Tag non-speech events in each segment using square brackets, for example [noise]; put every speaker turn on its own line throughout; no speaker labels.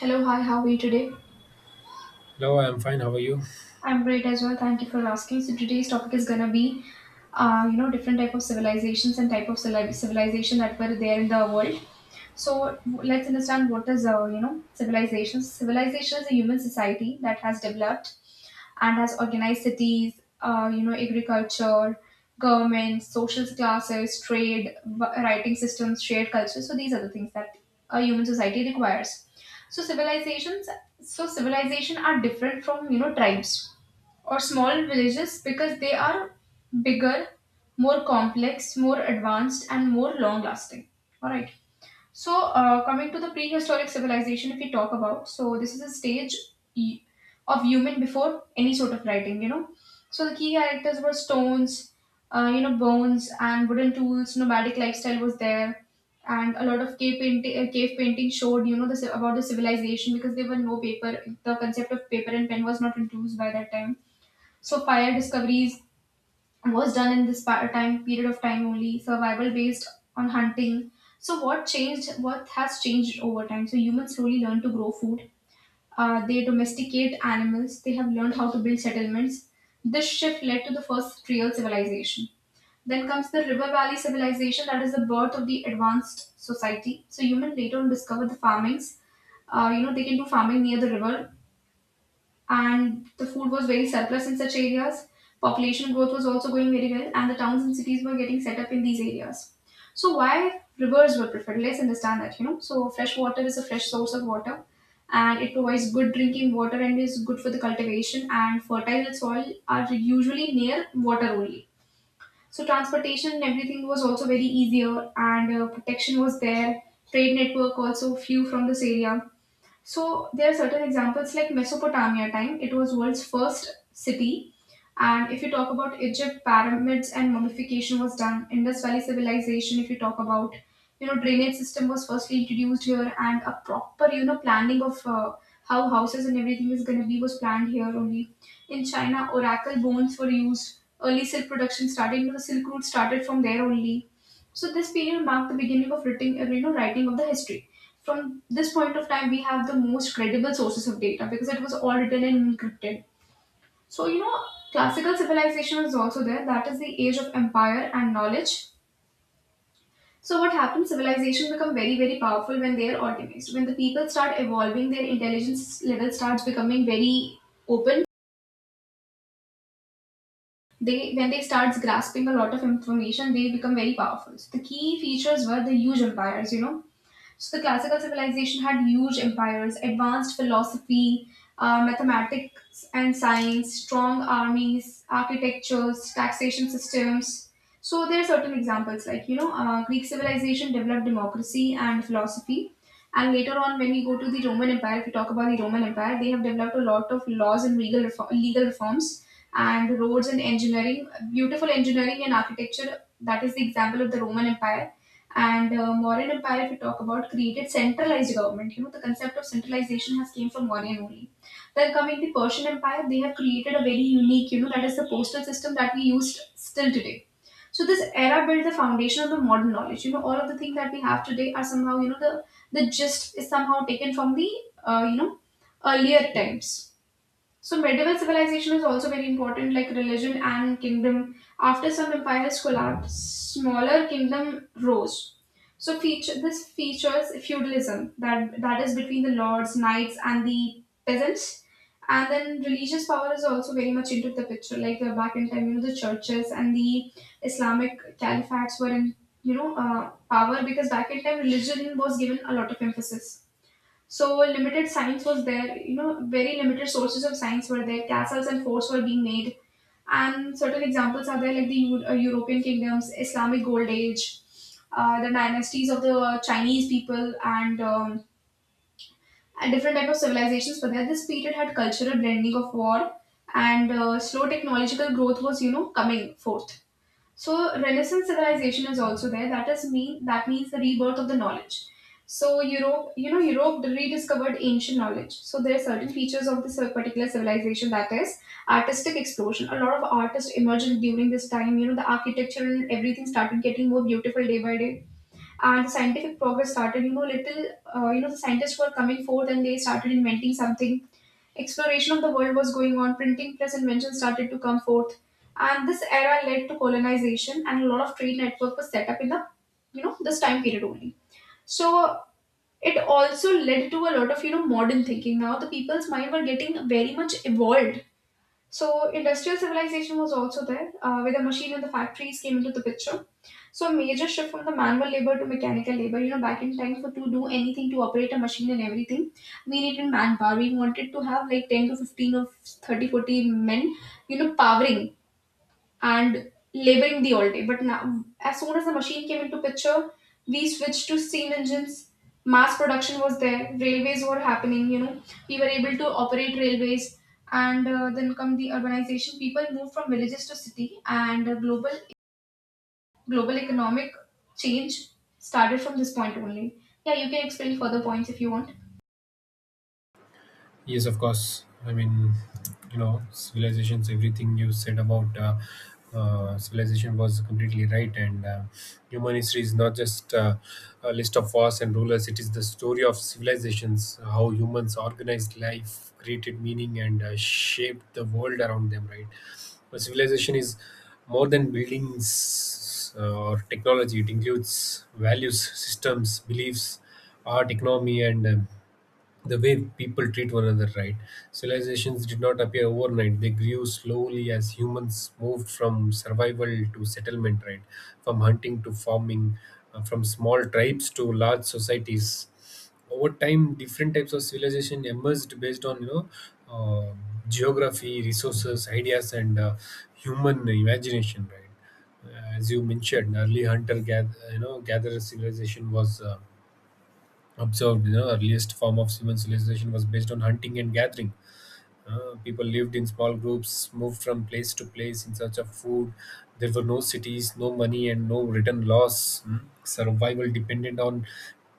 Hello, hi, how are you today?
Hello, I'm fine. How are you?
I'm great as well. Thank you for asking. So today's topic is gonna be, different type of civilizations and type of civilization that were there in the world. So let's understand what is civilization. Civilization is a human society that has developed and has organized cities, agriculture, government, social classes, trade, writing systems, shared culture. So these are the things that a human society requires. So civilizations, so civilization are different from tribes or small villages because they are bigger, more complex, more advanced, and more long lasting. All right. So, coming to the prehistoric civilization, if we talk about, so this is a stage e- of human before any sort of writing, you know. So, the key characters were stones, bones and wooden tools. Nomadic lifestyle was there, and a lot of cave painting. Cave painting showed, you know, about the civilization because there were no paper. The concept of paper and pen was not introduced by that time. So, fire discoveries was done in this time period of time only survival based on hunting. So what changed, what has changed over time? So humans slowly learn to grow food. They domesticate animals, they have learned how to build settlements. This shift led to the first real civilization. Then comes the river valley civilization, that is the birth of the advanced society. So humans later on discovered the farmings. They can do farming near the river and the food was very surplus in such areas. Population growth was also going very well, and the towns and cities were getting set up in these areas. So, why rivers were preferred? Let's understand that, you know. So, fresh water is a fresh source of water and it provides good drinking water and is good for the cultivation, and fertile soil are usually near water only. So, transportation and everything was also very easier, and protection was there. Trade network also few from this area. So there are certain examples like Mesopotamia time. It was world's first city. And if you talk about Egypt, pyramids and mummification was done. Indus Valley civilization, if you talk about, you know, drainage system was firstly introduced here and a proper, you know, planning of how houses and everything is going to be was planned here only. In China, oracle bones were used. Early silk production started, you know, the Silk Route started from there only. So this period marked the beginning of writing, writing of the history. From this point of time we have the most credible sources of data because it was all written and encrypted. So you know, classical civilization was also there, that is the age of empire and knowledge. So what happens, civilization become very very powerful when they are organized. When the people start evolving, their intelligence level starts becoming very open. They, when they start grasping a lot of information, they become very powerful. So the key features were the huge empires, you know, so the classical civilization had huge empires, advanced philosophy, mathematics and science, strong armies, architectures, taxation systems. So there are certain examples like, Greek civilization developed democracy and philosophy. And later on when we go to the Roman Empire, if we talk about the Roman Empire, they have developed a lot of laws and legal reforms and roads and engineering, beautiful engineering and architecture. That is the example of the Roman Empire. And Mauryan Empire, if we talk about, created centralized government. You know, the concept of centralization has came from Mauryan only. Then coming the Persian Empire, they have created a very unique, you know, that is the postal system that we use still today. So this era built the foundation of the modern knowledge. You know, all of the things that we have today are somehow, you know, the gist is somehow taken from the uh, you know earlier times. So medieval civilization is also very important, like religion and kingdom. After some empires collapsed, smaller kingdom rose. So features feudalism, that is between the lords, knights, and the peasants. And then religious power is also very much into the picture. Like back in time, you know, the churches and the Islamic caliphates were in power because back in time religion was given a lot of emphasis. So limited science was there, you know, very limited sources of science were there. Castles and forts were being made, and certain examples are there, like the European kingdoms, Islamic Gold Age, the dynasties of the Chinese people, and different type of civilizations were there. This period had cultural blending of war, and slow technological growth was, you know, coming forth. So Renaissance civilization is also there. That means the rebirth of the knowledge. So Europe, you know, Europe rediscovered ancient knowledge. So there are certain features of this particular civilization, that is artistic explosion. A lot of artists emerged during this time. You know, the architecture and everything started getting more beautiful day by day, and the scientific progress started. You know, little, the scientists were coming forth and they started inventing something. Exploration of the world was going on, printing press inventions started to come forth. And this era led to colonization and a lot of trade network was set up in the, you know, this time period only. So it also led to a lot of, you know, modern thinking. Now the people's mind were getting very much evolved. So industrial civilization was also there, where the machine and the factories came into the picture. So a major shift from the manual labor to mechanical labor. You know, back in times, for to do anything to operate a machine and everything, we needed manpower. We wanted to have like 10 to 15 or 30, 40 men, you know, powering and laboring the all day. But now, as soon as the machine came into picture, we switched to steam engines. Mass production was there. Railways were happening. You know, we were able to operate railways, and then come the urbanization. People moved from villages to city, and global economic change started from this point only. Yeah, you can explain further points if you want.
Yes, of course. I mean, you know, civilizations, everything you said about civilization was completely right. And human history is not just a list of wars and rulers, it is the story of civilizations, how humans organized life, created meaning, and shaped the world around them, right? But civilization is more than buildings or technology, it includes values, systems, beliefs, art, economy, and the way people treat one another, right? Civilizations did not appear overnight. They grew slowly as humans moved from survival to settlement, right? From hunting to farming, from small tribes to large societies. Over time, different types of civilization emerged based on, you know, uh, geography, resources, ideas, and human imagination, right? As you mentioned, early hunter gather, you know, gatherer civilization was observed. You know, earliest form of human civilization was based on hunting and gathering. People lived in small groups, moved from place to place in search of food. There were no cities, no money, and no written laws. Hmm? Survival depended on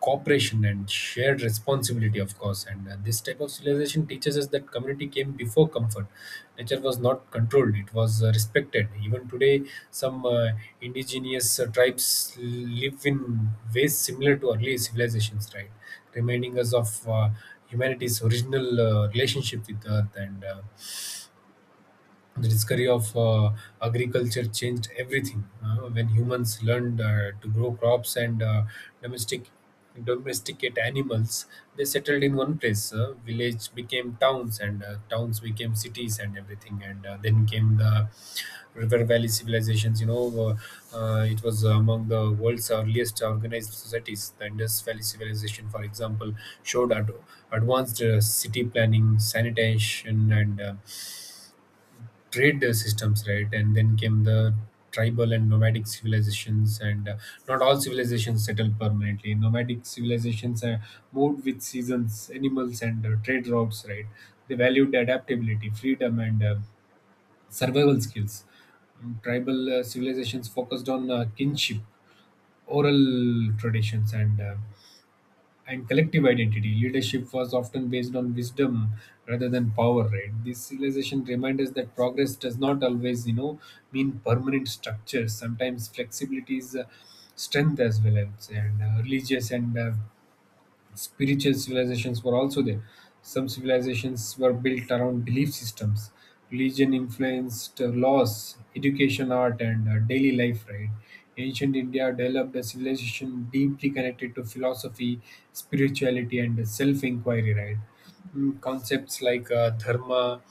cooperation and shared responsibility, of course. And this type of civilization teaches us that community came before comfort. Nature was not controlled; it was respected. Even today, some indigenous tribes live in ways similar to early civilizations, right? Reminding us of humanity's original relationship with Earth. And the discovery of agriculture changed everything when humans learned to grow crops and domestic domesticate animals. They settled in one place. Village became towns, and towns became cities and everything. And then came the river valley civilizations, you know. It was among the world's earliest organized societies. The Indus Valley civilization, for example, showed advanced city planning, sanitation, and trade systems, right? And then came the tribal and nomadic civilizations, and not all civilizations settled permanently. Nomadic civilizations moved with seasons, animals, and trade routes, right? They valued adaptability, freedom, and survival skills. Tribal civilizations focused on kinship, oral traditions, and collective identity. Leadership was often based on wisdom rather than power, right? This realization reminds us that progress does not always, you know, mean permanent structures. Sometimes flexibility is strength as well, I would say. And religious and spiritual civilizations were also there. Some civilizations were built around belief systems. Religion influenced laws, education, art, and daily life, right? Ancient India developed a civilization deeply connected to philosophy, spirituality, and self inquiry, right? Mm, concepts like dharma,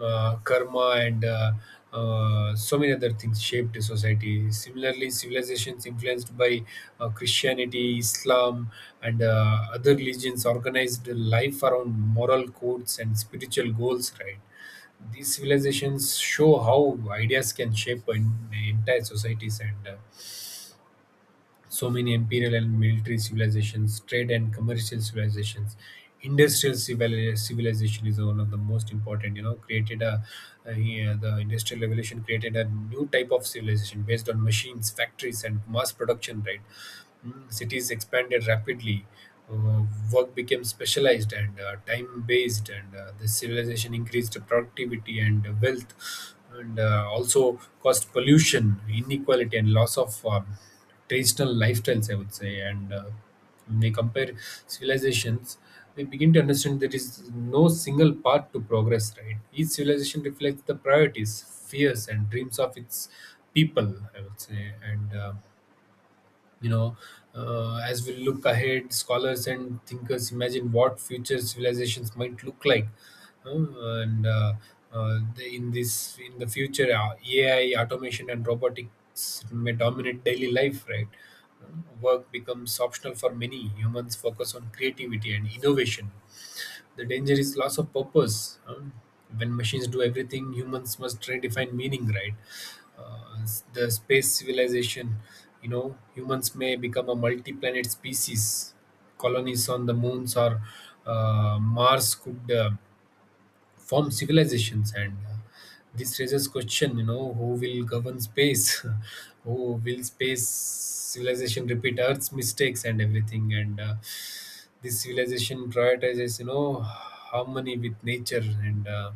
karma, and so many other things shaped society. Similarly, civilizations influenced by Christianity, Islam, and other religions organized life around moral codes and spiritual goals. Right, these civilizations show how ideas can shape entire societies. And so many imperial and military civilizations, trade and commercial civilizations, civilization is one of the most important. You know, created a yeah, the industrial revolution created a new type of civilization based on machines, factories, and mass production. Right, mm, cities expanded rapidly, uh, work became specialized and time based, and this civilization increased productivity and wealth, and also caused pollution, inequality, and loss of traditional lifestyles, I would say. And when we compare civilizations, we begin to understand there is no single path to progress, right? Each civilization reflects the priorities, fears, and dreams of its people, I would say. And you know, as we look ahead, scholars and thinkers imagine what future civilizations might look like. And the, in this, in the future, AI, automation, and robotics may dominate daily life, right? Work becomes optional for many. Humans focus on creativity and innovation. The danger is loss of purpose. When machines do everything, humans must redefine meaning, right? Uh, the space civilization, you know, humans may become a multi planet species. Colonies on the moons or Mars could form civilizations. And this raises question, you know, who will govern space? [laughs] Who will space civilization repeat earth's mistakes and everything? And this civilization prioritizes, you know, harmony with nature. and uh,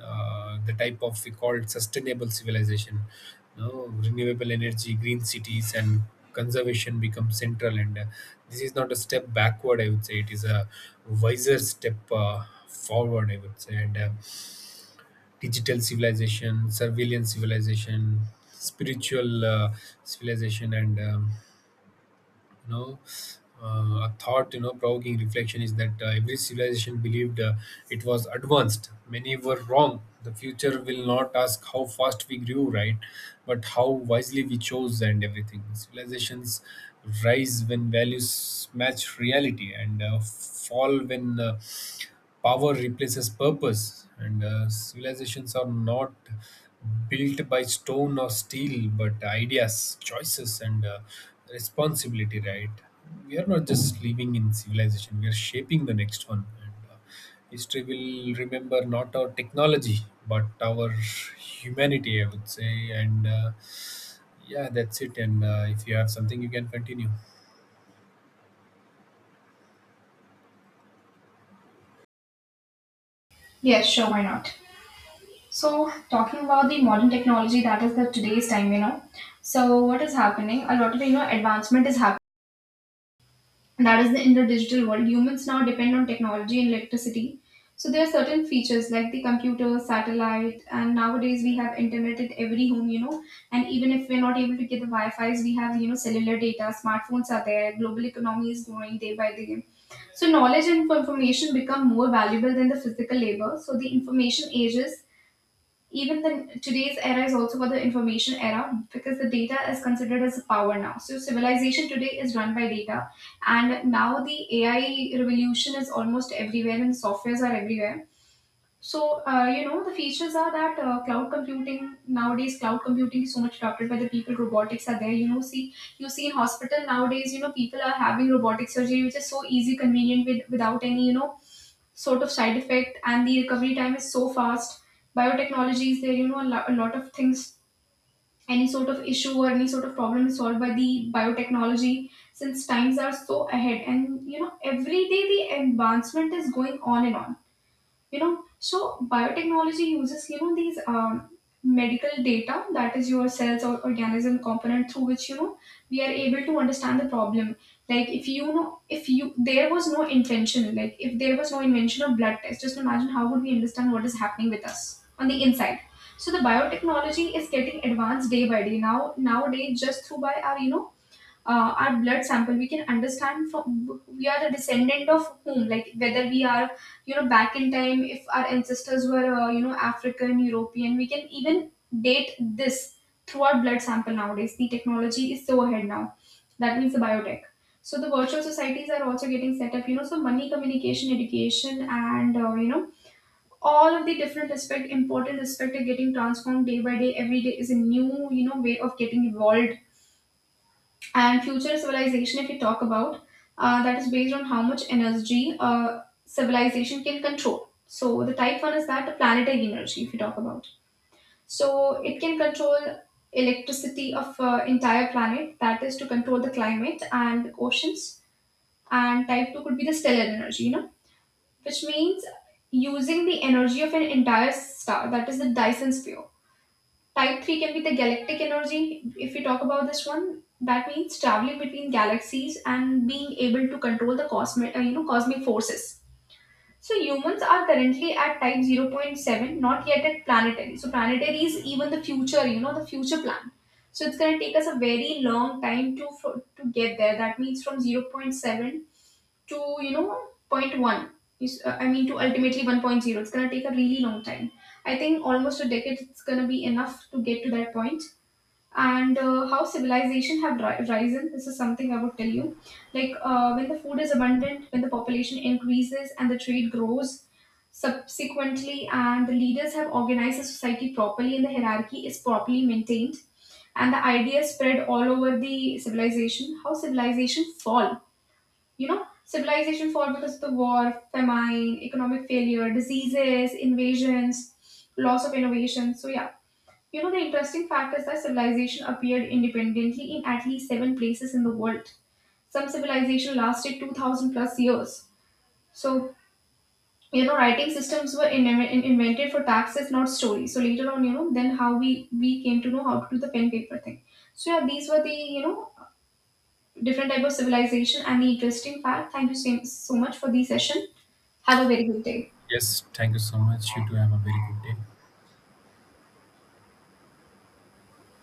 uh, the type of we call sustainable civilization, you know, renewable energy, green cities, and conservation become central. And this is not a step backward, I would say, it is a wiser step forward, I would say. And digital civilization, surveillance civilization, spiritual civilization, and you know, a thought, you know, provoking reflection is that every civilization believed it was advanced. Many were wrong. The future will not ask how fast we grew, right, but how wisely we chose and everything. Civilizations rise when values match reality, and fall when power replaces purpose. And civilizations are not built by stone or steel, but ideas, choices, and responsibility, right? We are not just living in civilization, we are shaping the next one. And history will remember not our technology but our humanity, I would say. And yeah, that's it. And if you have something, you can continue.
Yes, sure, why not? So, talking about the modern technology, that is the today's time, you know. So, what is happening? A lot of, you know, advancement is happening. That is the, in the digital world, humans now depend on technology and electricity. So there are certain features like the computer, satellite, and nowadays we have internet at every home, you know. And even if we're not able to get the wi-fi's, we have, you know, cellular data. Smartphones are there. Global economy is growing day by day. So knowledge and information become more valuable than the physical labor. So the information ages, even the today's era is also called the information era because the data is considered as a power now. So civilization today is run by data. And now the AI revolution is almost everywhere and softwares are everywhere. So, the features are that cloud computing nowadays, cloud computing is so much adopted by the people. Robotics are there. You know, see, you see in hospital nowadays, you know, people are having robotic surgery, which is so easy, convenient, with without any, you know, sort of side effect, and the recovery time is so fast. Biotechnology is there. You know, a lot of things. Any sort of issue or any sort of problem is solved by the biotechnology. Since times are so ahead, and you know, every day the advancement is going on and on, you know. So biotechnology uses, you know, these medical data, that is your cells or organism component, through which, you know, we are able to understand the problem. Like if you know, if you there was no invention, like if there was no invention of blood test, just imagine how would we understand what is happening with us on the inside. So the biotechnology is getting advanced day by day. Now nowadays just through by our, you know, our blood sample, we can understand from we are the descendant of whom, like whether we are, you know, back in time, if our ancestors were african european, we can even date this through our blood sample. Nowadays the technology is so ahead now, that means the biotech. So the virtual societies are also getting set up, you know. So money, communication, education, and all of the different aspect, important aspect, are getting transformed day by day. Every day is a new, you know, way of getting evolved. And future civilization, if we talk about, that is based on how much energy civilization can control. So the type one is that the planetary energy, if we talk about. So it can control electricity of entire planet, that is to control the climate and the oceans. And type two could be the stellar energy, you know, which means using the energy of an entire star, that is the Dyson sphere. Type 3 can be the galactic energy. If we talk about this one, that means traveling between galaxies and being able to control the cosmic forces. So humans are currently at type 0. 0.7, not yet at planetary. So planetary is even the future, you know, the future plan. So it's going to take us a very long time to get there. That means from 0. 0.7 to, you know, 0. 0.1. I mean to ultimately one point zero. It's going to take a really long time. I think almost a decade it's going to be enough to get to that point. And how civilization have risen, this is something I would tell you. Like when the food is abundant, when the population increases and the trade grows subsequently, and the leaders have organized the society properly and the hierarchy is properly maintained and the ideas spread all over the civilization. How civilization fall? You know, civilization fall because of the war, famine, economic failure, diseases, invasions, loss of innovation. So yeah, you know, the interesting fact is that civilization appeared independently in at least seven places in the world. Some civilization lasted 2000 plus years. So, you know, writing systems were invented for taxes, not stories. So later on, you know, then how we came to know how to do the pen paper thing. So yeah, these were the, you know, different type of civilization and the interesting fact. Thank you so so much for the session. Have a very good day.
Yes, thank you so much, you too, have a very good day.